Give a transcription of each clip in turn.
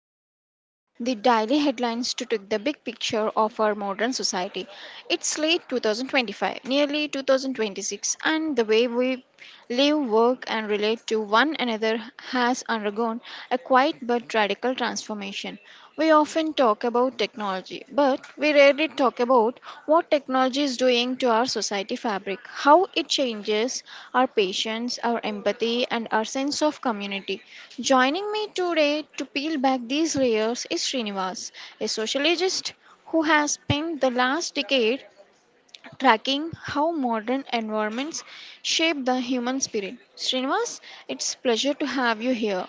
back from the daily headlines to take the big picture of our modern society. It's late 2025, nearly 2026, and the way we live, work, and relate to one another has undergone a quiet but radical transformation. We often talk about technology, but we rarely talk about what technology is doing to our society fabric, how it changes our patience, our empathy, and our sense of community. Joining me today to peel back these layers is Srinivas, a sociologist who has spent the last decade tracking how modern environments shape the human spirit. Srinivas, it's pleasure to have you here.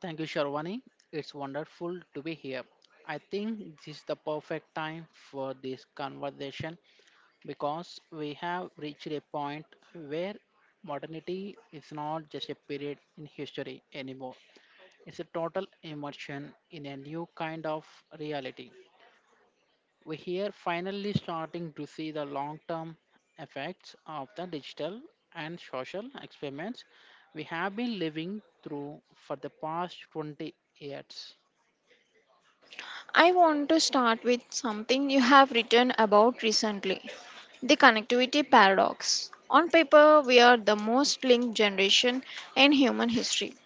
Thank you, Sharwani. It's wonderful to be here. I think this is the perfect time for this conversation because we have reached a point where modernity is not just a period in history anymore. It's a total immersion in a new kind of reality. We here finally starting to see the long-term effects of the digital and social experiments we have been living through for the past 20 years. I want to start with something you have written about recently, the connectivity paradox. On paper, we are the most linked generation in human history.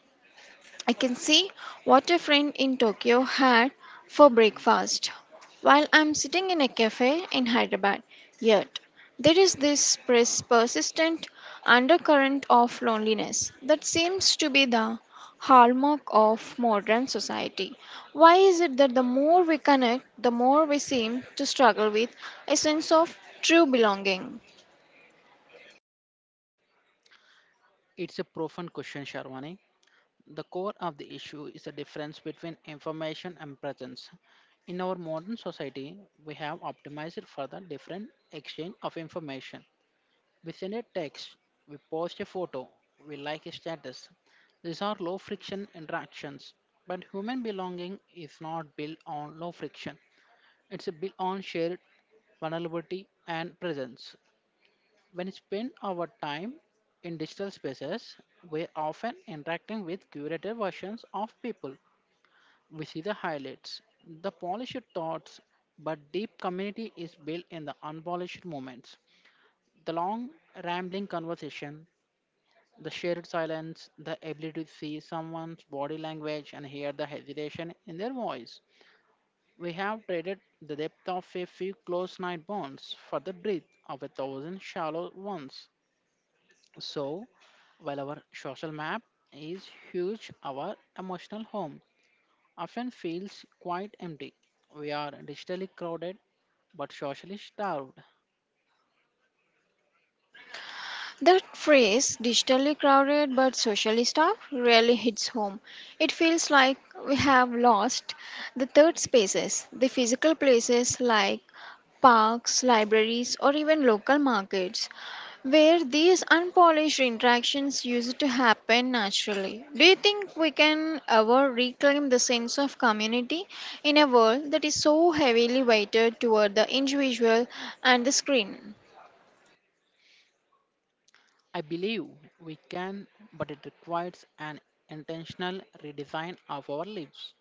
I can see what a friend in Tokyo had for breakfast while I'm sitting in a cafe in Hyderabad. Yet, there is this persistent undercurrent of loneliness that seems to be the hallmark of modern society. Why is it that the more we connect, the more we seem to struggle with a sense of true belonging? It's a profound question, Sharwani. The core of the issue is the difference between information and presence. In our modern society, we have optimized for the different exchange of information. We send a text, we post a photo, we like a status. These are low friction interactions, but human belonging is not built on low friction. It's built on shared vulnerability and presence when spend our time in digital spaces, we're often interacting with curated versions of people. We see the highlights, the polished thoughts, but deep community is built in the unpolished moments. The long, rambling conversation, the shared silence, the ability to see someone's body language and hear the hesitation in their voice. We have traded the depth of a few close night bonds for the breadth of a thousand shallow ones. So, while our social map is huge, our emotional home often feels quite empty. We are digitally crowded but socially starved. The phrase digitally crowded but socially starved really hits home. It feels like we have lost the third spaces, the physical places like parks, libraries, or even local markets, where these unpolished interactions used to happen naturally. Do you think we can ever reclaim the sense of community in a world that is so heavily weighted toward the individual and the screen? I believe we can, but it requires an intentional redesign of our lives.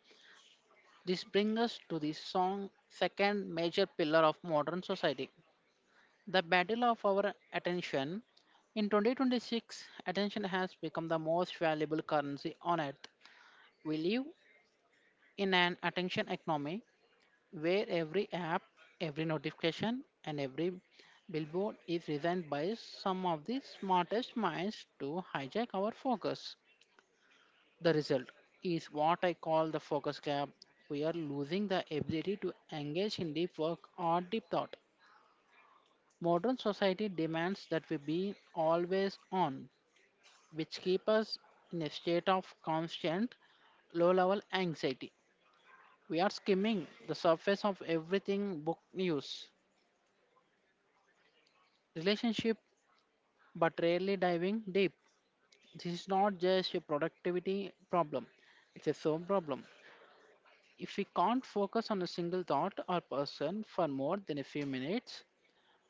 This brings us to the song second major pillar of modern society, the battle of our attention. In 2026, attention has become the most valuable currency on earth. We live in an attention economy where every app, every notification, and every billboard is designed by some of the smartest minds to hijack our focus. The result is what I call the focus gap. We are losing the ability to engage in deep work or deep thought. Modern society demands that we be always on, which keep us in a state of constant low level anxiety. We are skimming the surface of everything book news, relationship but rarely diving deep. This is not just a productivity problem, it's a soul problem. If we can't focus on a single thought or person for more than a few minutes,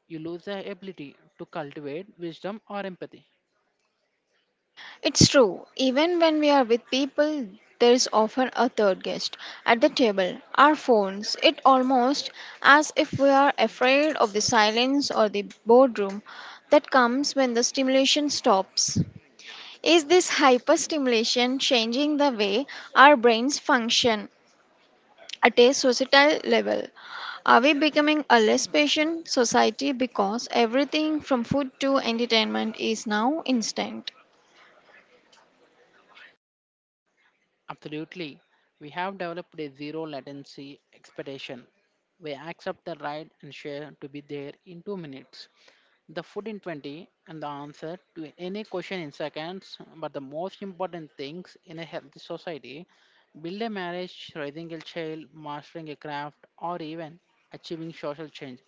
you lose the ability to cultivate wisdom or empathy. It's true. Even when we are with people, there is often a third guest at the table. Our phones, it almost as if we are afraid of the silence or the boredom that comes when the stimulation stops. Is this hyperstimulation changing the way our brains function at a societal level? Are we becoming a less patient society because everything from food to entertainment is now instant? Absolutely. We have developed a zero latency expedition. We accept the ride and share to be there in 2 minutes, the food in 20, and the answer to any question in seconds. But the most important things in a healthy society build a marriage, raising a child, mastering a craft, or even achieving social change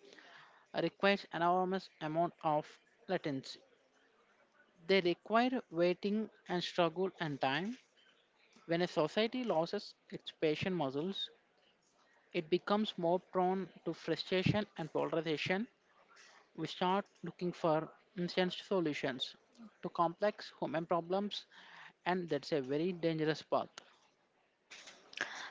requires enormous amount of latency. They require waiting and struggle and time when a society loses its patient muscles, it becomes more prone to frustration and polarization. We start looking for instant solutions to complex human problems, and that's a very dangerous path.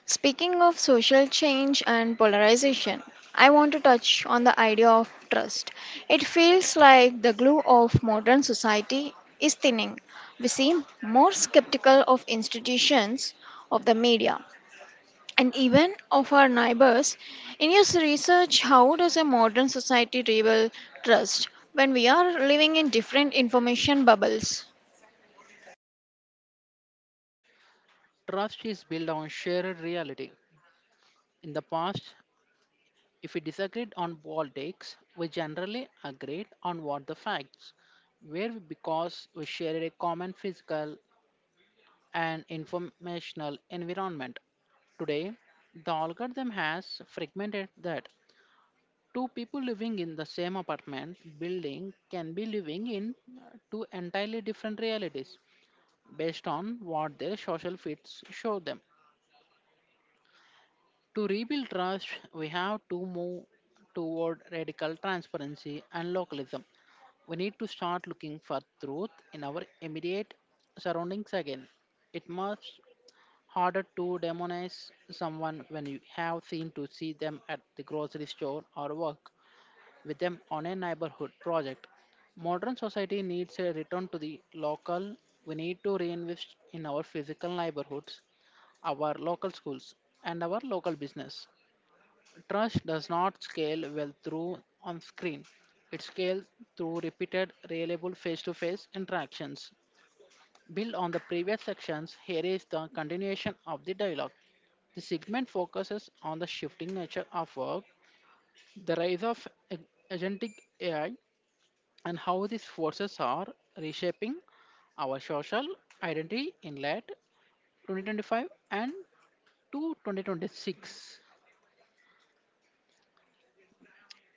Speaking of social change and polarization, I want to touch on the idea of trust. It feels like the glue of modern society is thinning. We seem more skeptical of institutions, of the media, and even of our neighbors. In your research, how does a modern society rebuild trust when we are living in different information bubbles? Trust is built on shared reality. In the past, if we disagreed on politics, we generally agreed on what the facts were because we shared a common physical and informational environment. Today, the algorithm has fragmented that. Two people living in the same apartment building can be living in two entirely different realities based on what their social fits show them. To rebuild trust, we have to move toward radical transparency and localism. We need to start looking for truth in our immediate surroundings again. It must harder to demonize someone when you have seen to see them at the grocery store or work with them on a neighborhood project. Modern society needs a return to the local. We need to reinvest in our physical neighborhoods, our local schools, and our local business. Trust does not scale well through on screen. It scales through repeated, reliable face to face interactions. Build on the previous sections, here is the continuation of the dialogue. The segment focuses on the shifting nature of work, the rise of agentic AI, and how these forces are reshaping our social identity in late 2025 and to 2026.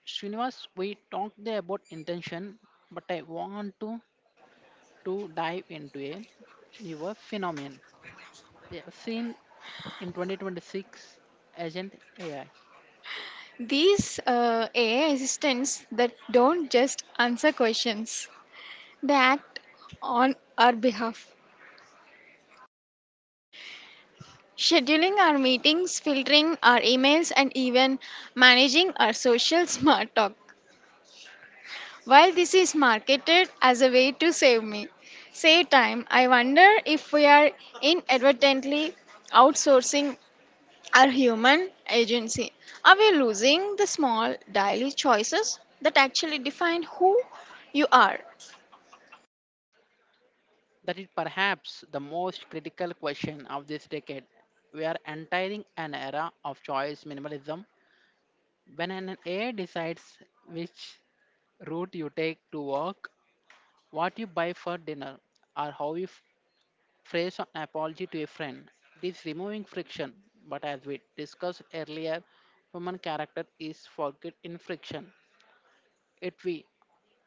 Srinivas, we talked there about intention, but I want to dive into a newer phenomenon, yeah, seen in 2026, agent AI. These AI assistants that don't just answer questions, they act on our behalf, scheduling our meetings, filtering our emails, and even managing our social smart talk. While this is marketed as a way to save time, I wonder if we are inadvertently outsourcing our human agency. Are we losing the small daily choices that actually define who you are? That is perhaps the most critical question of this decade. We are entering an era of choice minimalism when an AI decides which route you take to work, what you buy for dinner, or how you phrase an apology to a friend. It is removing friction, but as we discussed earlier, human character is forget in friction. It we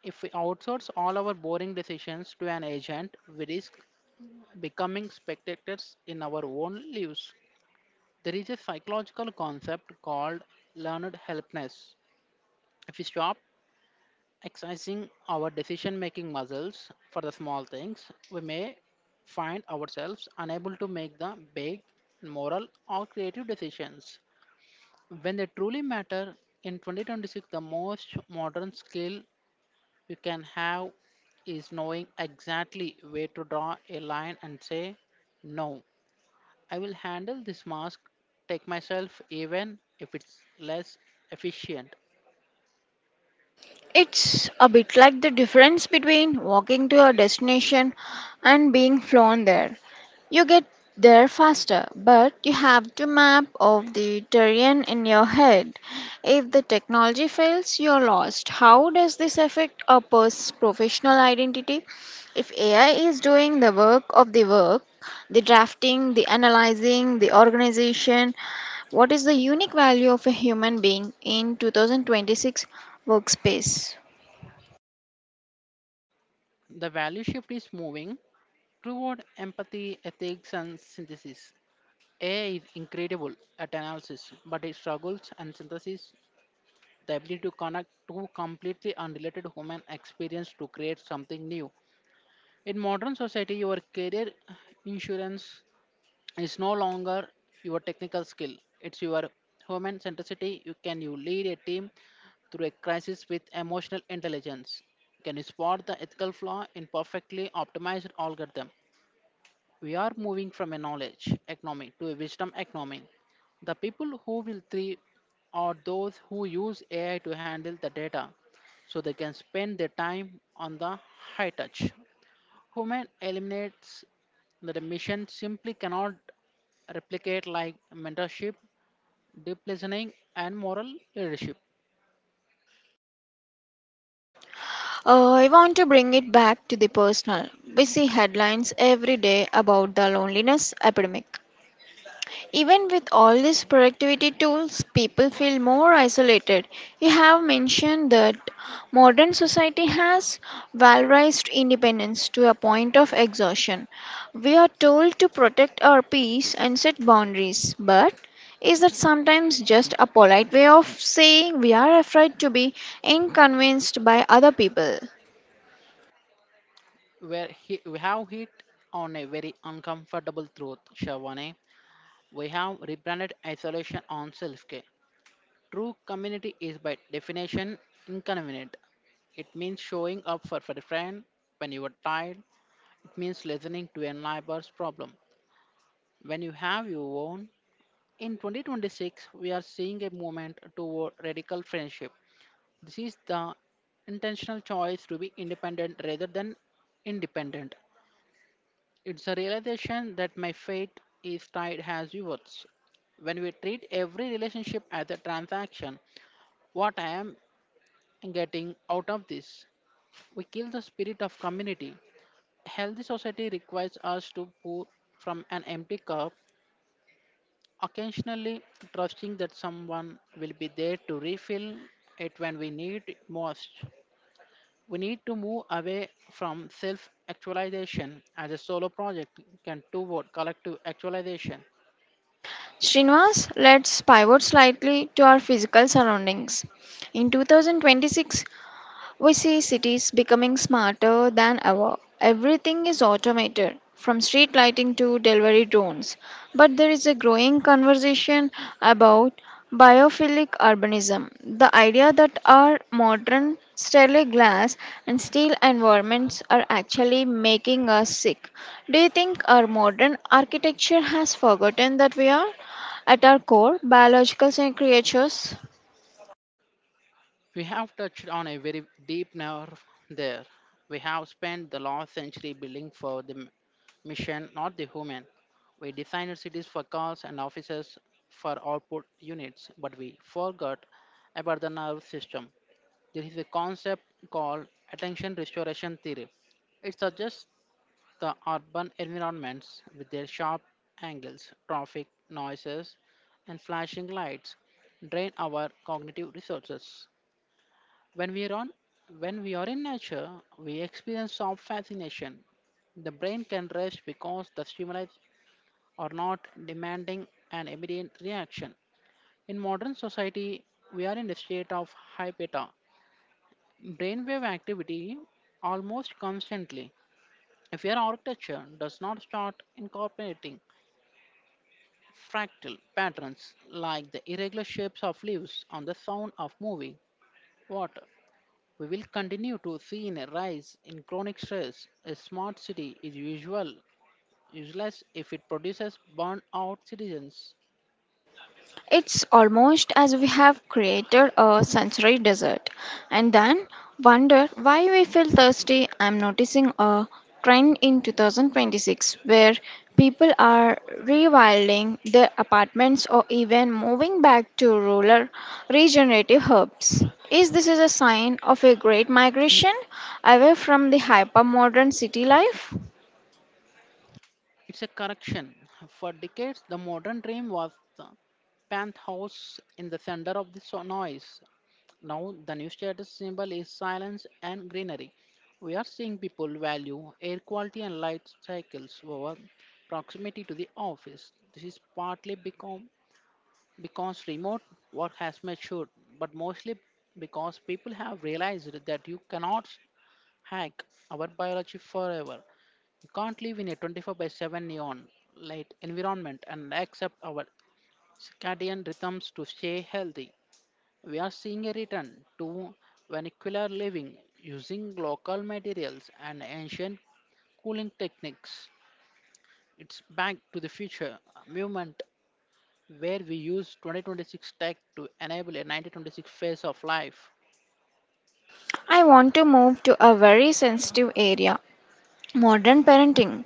If we outsource all our boring decisions to an agent, we risk becoming spectators in our own lives. There is a psychological concept called learned helplessness. If we stop exercising our decision making muscles for the small things, we may find ourselves unable to make the big moral or creative decisions when they truly matter. In 2026, the most modern skill you can have is knowing exactly where to draw a line and say, no, I will handle this mask, take myself even if it's less efficient. It's a bit like the difference between walking to your destination and being flown there. You get there faster, but you have to map of the terrain in your head. If the technology fails, you're lost. How does this affect a person's professional identity? If AI is doing the work of the work, the drafting, the analyzing, the organization, what is the unique value of a human being in 2026 workspace? The value shift is moving toward empathy, ethics, and synthesis. AI is incredible at analysis, but it struggles and synthesis the ability to connect two completely unrelated human experience to create something new. In modern society, your career insurance, it's no longer your technical skill, it's your human centricity. You can you lead a team through a crisis with emotional intelligence? Can you spot the ethical flaw in perfectly optimized algorithm? We are moving from a knowledge economy to a wisdom economy. The people who will thrive are those who use AI to handle the data so they can spend their time on the high touch human eliminates that a mission simply cannot replicate, like mentorship, deep listening, and moral leadership. I want to bring it back to the personal. We see headlines every day about the loneliness epidemic. Even with all these productivity tools, people feel more isolated. You have mentioned that modern society has valorized independence to a point of exhaustion. We are told to protect our peace and set boundaries, but is that sometimes just a polite way of saying we are afraid to be inconvenienced by other people? We have hit on a very uncomfortable truth, Shavane. We have rebranded isolation on self care. True community is by definition inconvenient. It means showing up for a friend when you are tired. It means listening to a neighbor's problem when you have your own. In 2026, we are seeing a movement toward radical friendship. This is the intentional choice to be independent rather than independent. It's a realization that my fate is tied as yours. When we treat every relationship as a transaction, what I am getting out of this, we kill the spirit of community. Healthy society requires us to pour from an empty cup occasionally, trusting that someone will be there to refill it when we need it most. We need to move away from self actualization as a solo project and toward collective actualization. Srinivas, let's pivot slightly to our physical surroundings. In 2026, we see cities becoming smarter than ever. Everything is automated, from street lighting to delivery drones. But there is a growing conversation about biophilic urbanism, the idea that our modern sterling glass and steel environments are actually making us sick. Do you think our modern architecture has forgotten that we are, at our core, biological creatures? We have touched on a very deep nerve there. We have spent the last century building for the mission, not the human. We designed cities for cars and offices for output units, but we forgot about the nerve system. There is a concept called attention restoration theory. It suggests the urban environments with their sharp angles, traffic noises, and flashing lights drain our cognitive resources. When we are on, when we are in nature, we experience some fascination. The brain can rest because the stimuli are not demanding an immediate reaction. In modern society, we are in a state of hypeta brainwave activity almost constantly. If your architecture does not start incorporating fractal patterns like the irregular shapes of leaves on the sound of moving water, we will continue to see a rise in chronic stress. A smart city is useless if it produces burnout citizens. It's almost as we have created a sensory desert and then wonder why we feel thirsty. I'm noticing a trend in 2026 where people are rewilding their apartments or even moving back to rural regenerative hubs. Is this is a sign of a great migration away from the hypermodern city life? It's a correction. For decades, the modern dream was the penthouse in the center of the noise. Now, the new status symbol is silence and greenery. We are seeing people value air quality and light cycles over proximity to the office. This is partly because remote work has matured, but mostly because people have realized that you cannot hack our biology forever. You can't live in a 24 by 7 neon light environment and accept our circadian rhythms to stay healthy. We are seeing a return to vernacular living using local materials and ancient cooling techniques. It's back to the future movement where we use 2026 tech to enable a 1926 phase of life. I want to move to a very sensitive area, modern parenting.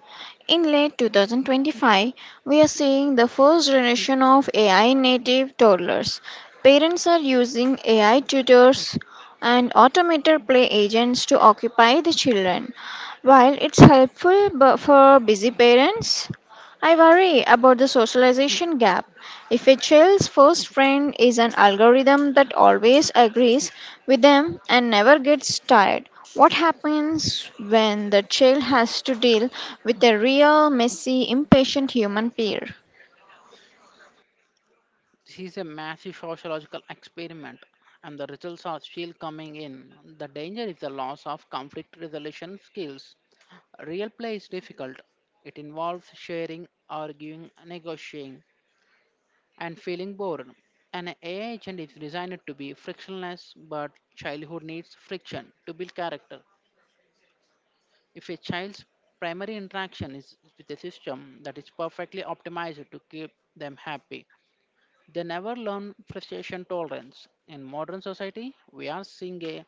In late 2025, we are seeing the first generation of AI native toddlers. Parents are using AI tutors and automated play agents to occupy the children. While it's helpful for busy parents, I worry about the socialization gap. If a child's first friend is an algorithm that always agrees with them and never gets tired, what happens when the child has to deal with a real, messy, impatient human peer? This is a massive sociological experiment, and the results are still coming in. The danger is the loss of conflict resolution skills. Real play is difficult. It involves sharing, arguing, negotiating, and feeling bored. An AI agent is designed to be frictionless, but childhood needs friction to build character. If a child's primary interaction is with a system that is perfectly optimized to keep them happy, they never learn frustration tolerance. In modern society, we are seeing a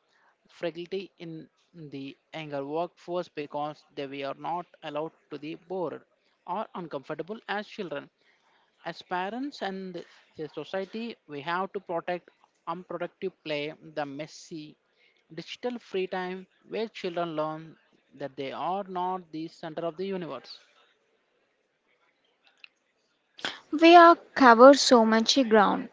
fragility in the younger workforce because they were not allowed to be bored or uncomfortable as children. As parents and the society, we have to protect unproductive play, the messy digital free time where children learn that they are not the center of the universe. We are covered so much ground,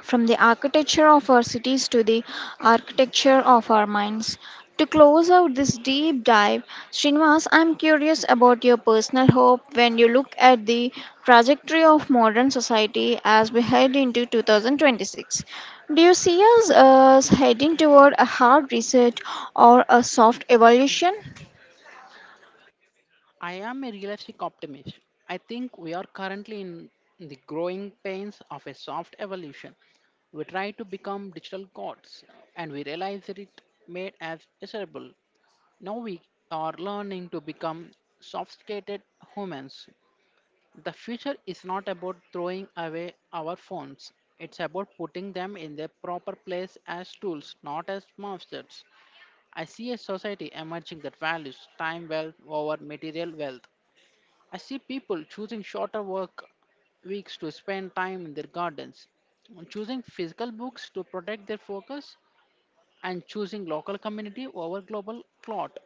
from the architecture of our cities to the architecture of our minds. To close out this deep dive, Srinivas, I'm curious about your personal hope when you look at the trajectory of modern society as we head into 2026. Do you see us as heading toward a hard reset or a soft evolution? I am a realistic optimist. I think we are currently in the growing pains of a soft evolution. We try to become digital gods and we realize that it made us miserable. Now we are learning to become sophisticated humans. The future is not about throwing away our phones. It's about putting them in their proper place as tools, not as monsters. I see a society emerging that values time well over material wealth. I see people choosing shorter work weeks to spend time in their gardens, choosing physical books to protect their focus, and choosing local community over global clot.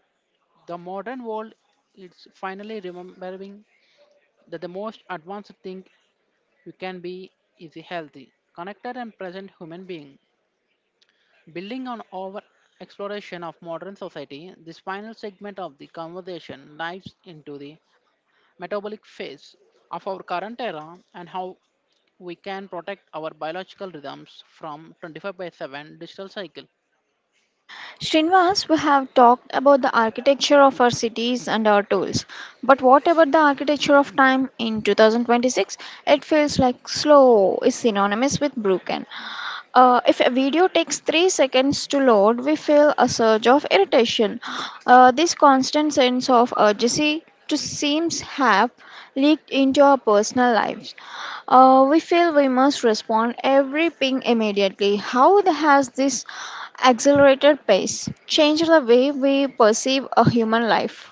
The modern world is finally remembering that the most advanced thing you can be is a healthy, connected, and present human being. Building on our exploration of modern society, this final segment of the conversation dives into the metabolic phase of our current era and how we can protect our biological rhythms from 25 by 7 digital cycle. Srinivas, we have talked about the architecture of our cities and our tools. But what about the architecture of time in 2026? It feels like slow is synonymous with broken. If a video takes 3 seconds to load, we feel a surge of irritation. This constant sense of urgency to seems have leaked into our personal lives. We feel we must respond every ping immediately. How has this accelerated pace changed the way we perceive a human life?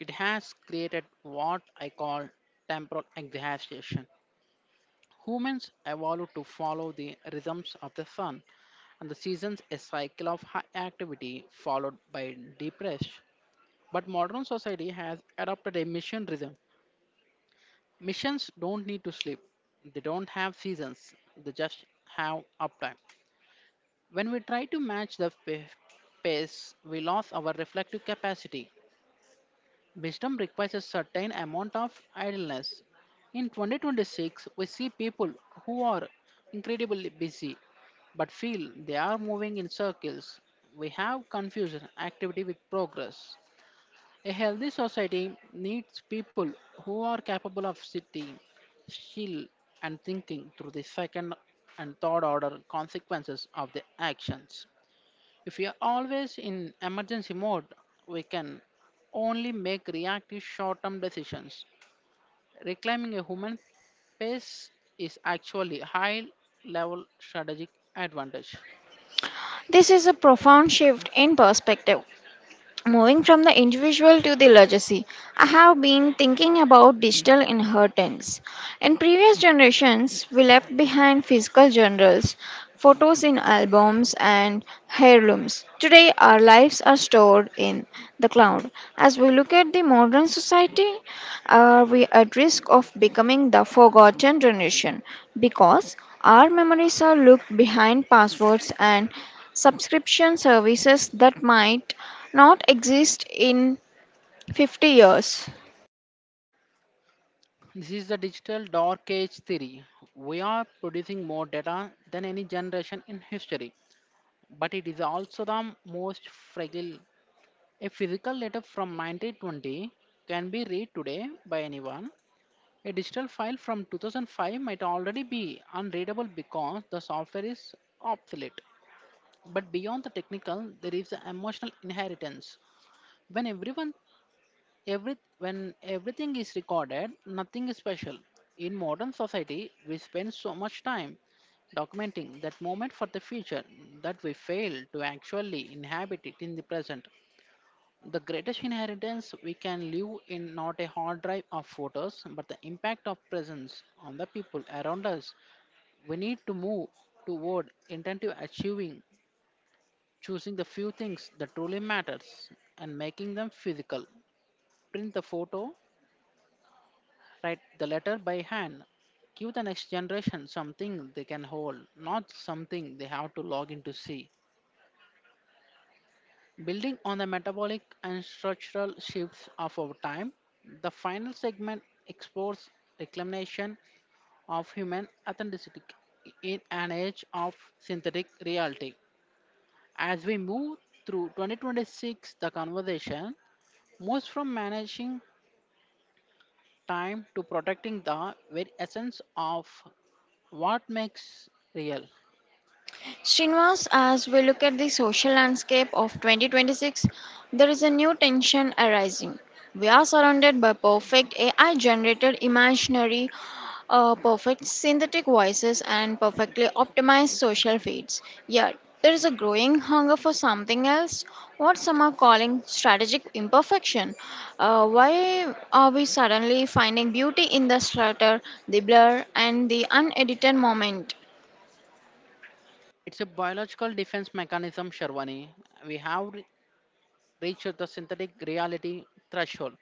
It has created what I call temporal exhaustion. Humans evolved to follow the rhythms of the sun and the seasons, a cycle of high activity followed by depression. But modern society has adopted a mission rhythm. Missions don't need to sleep, they don't have seasons, they just have uptime. When we try to match the pace, we lose our reflective capacity. Wisdom requires a certain amount of idleness. In 2026, we see people who are incredibly busy but feel they are moving in circles. We have confusion activity with progress. A healthy society needs people who are capable of sitting still and thinking through the second and third order consequences of their actions. If we are always in emergency mode, we can only make reactive short term decisions. Reclaiming a human pace is actually high level strategic advantage. This is a profound shift in perspective. Moving from the individual to the legacy, I have been thinking about digital inheritance. In previous generations, we left behind physical journals, photos in albums, and heirlooms. Today, our lives are stored in the cloud. As we look at the modern society, are we at risk of becoming the forgotten generation because our memories are locked behind passwords and subscription services that might not exist in 50 years? This is the digital dark age theory. We are producing more data than any generation in history, but it is also the most fragile. A physical letter from 1920 can be read today by anyone. A digital file from 2005 might already be unreadable because the software is obsolete. But beyond the technical, there is the emotional inheritance. When everyone every when everything is recorded, nothing is special. In modern society, we spend so much time documenting that moment for the future that we fail to actually inhabit it in the present. The greatest inheritance we can leave in not a hard drive of photos, but the impact of presence on the people around us. We need to move toward intentive achieving, choosing the few things that truly matters and making them physical. Print the photo, write the letter by hand. Give the next generation something they can hold, not something they have to log in to see. Building on the metabolic and structural shifts of our time, the final segment explores reclamation of human authenticity in an age of synthetic reality. As we move through 2026, the conversation moves from managing time to protecting the very essence of what makes real. Srinivas, as we look at the social landscape of 2026, there is a new tension arising. We are surrounded by perfect AI generated imaginary, perfect synthetic voices, and perfectly optimized social feeds. Yet, there is a growing hunger for something else, what some are calling strategic imperfection. Why are we suddenly finding beauty in the slaughter, the blur, and the unedited moment? It's a biological defense mechanism, Sharwani. We have reached the synthetic reality threshold.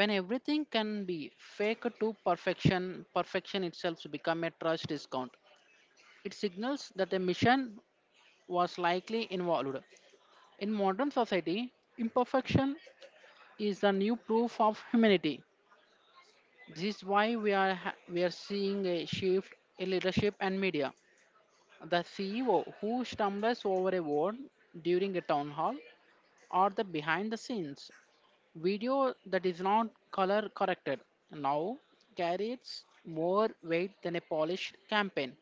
When everything can be fake to perfection, perfection itself to become a trust discount. It signals that a mission was likely involved. In modern society, imperfection is the new proof of humanity. This is why we are seeing a shift in leadership and media. The CEO who stumbles over a word during a town hall, or the behind the scenes video that is not color corrected, now carries more weight than a polished campaign.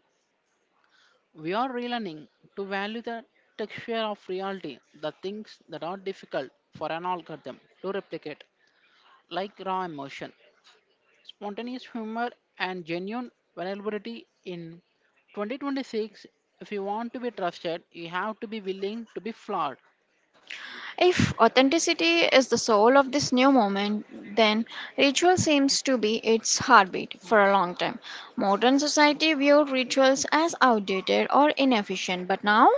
We are relearning to value the texture of reality, the things that are difficult for an algorithm to replicate, like raw emotion, spontaneous humor, and genuine vulnerability. In 2026, if you want to be trusted, you have to be willing to be flawed. If authenticity is the soul of this new moment, then ritual seems to be its heartbeat for a long time. Modern society viewed rituals as outdated or inefficient, but now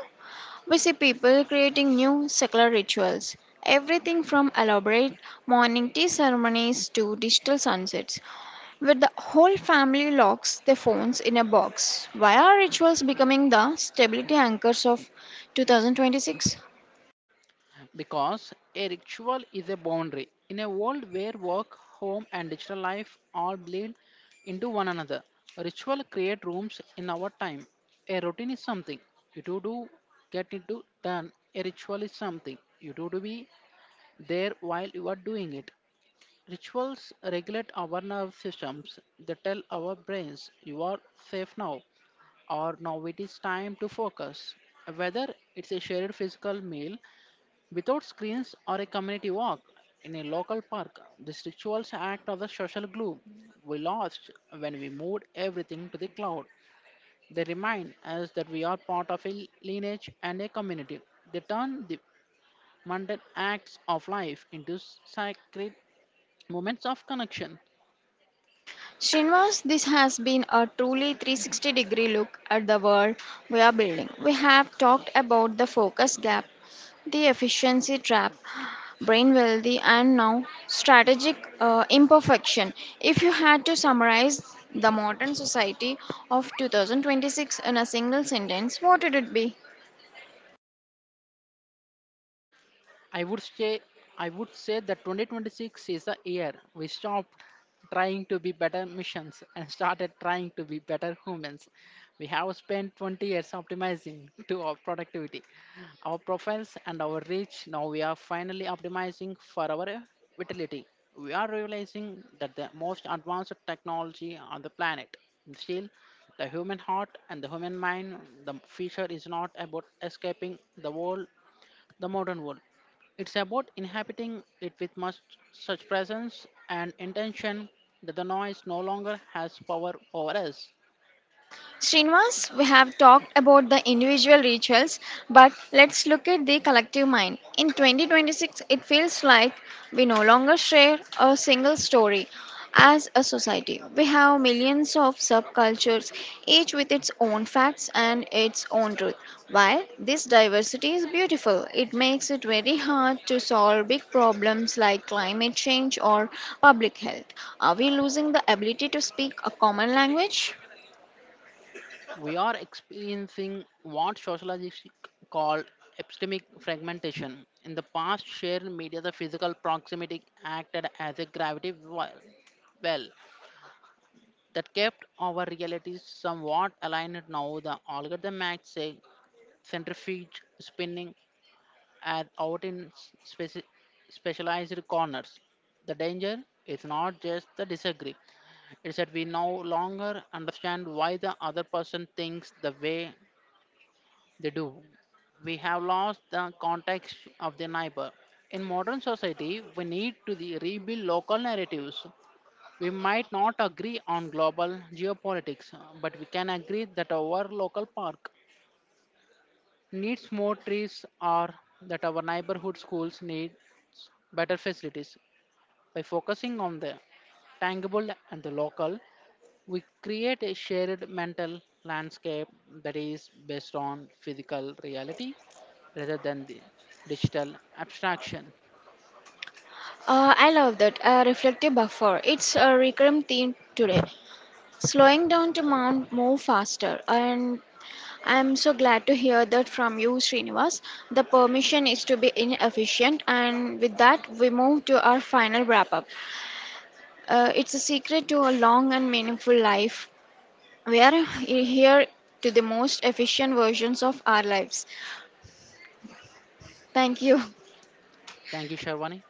we see people creating new secular rituals. Everything from elaborate morning tea ceremonies to digital sunsets, where the whole family locks their phones in a box. Why are rituals becoming the stability anchors of 2026? Because a ritual is a boundary in a world where work, home, and digital life all bleed into one another, ritual create rooms in our time. A routine is something you do to get into done. A ritual is something you do to be there while you are doing it. Rituals regulate our nerve systems. They tell our brains, you are safe now, or now it is time to focus. Whether it's a shared physical meal without screens or a community walk in a local park, these rituals act as a social glue. We lost when we moved everything to the cloud. They remind us that we are part of a lineage and a community. They turn the mundane acts of life into sacred moments of connection. Srinivas, this has been a truly 360 degree look at the world we are building. We have talked about the focus gap, the efficiency trap, brain wealthy, and now strategic imperfection. If you had to summarize the modern society of 2026 in a single sentence, what would it be? I would say I would say that 2026 is the year we stopped trying to be better missions and started trying to be better humans. We have spent 20 years optimizing to our productivity, our profiles, and our reach. Now we are finally optimizing for our vitality. We are realizing that the most advanced technology on the planet still the human heart and the human mind. The future is not about escaping the world, the modern world. It's about inhabiting it with much such presence and intention that the noise no longer has power over us. Srinivas, we have talked about the individual rituals, but let's look at the collective mind. In 2026, it feels like we no longer share a single story as a society. We have millions of subcultures, each with its own facts and its own truth. While this diversity is beautiful, it makes it very hard to solve big problems like climate change or public health. Are we losing the ability to speak a common language? We are experiencing what sociologists call epistemic fragmentation. In the past, shared media, the physical proximity acted as a gravity well, well that kept our realities somewhat aligned. Now, the algorithm acts a centrifuge spinning are out in speci- specialized corners. The danger is not just the disagree, it's that we no longer understand why the other person thinks the way they do. We have lost the context of the neighbor. In modern society, we need to the- rebuild local narratives. We might not agree on global geopolitics, but we can agree that our local park needs more trees are that our neighborhood schools need better facilities. By focusing on the tangible and the local, we create a shared mental landscape that is based on physical reality rather than the digital abstraction. I love that. A reflective buffer. It's a recurrent theme today. Slowing down to mount move faster. And I'm so glad to hear that from you, Srinivas. The permission is to be inefficient. And with that, we move to our final wrap up. It's a secret to a long and meaningful life. We are here to the most efficient versions of our lives. Thank you. Thank you, Sharwani.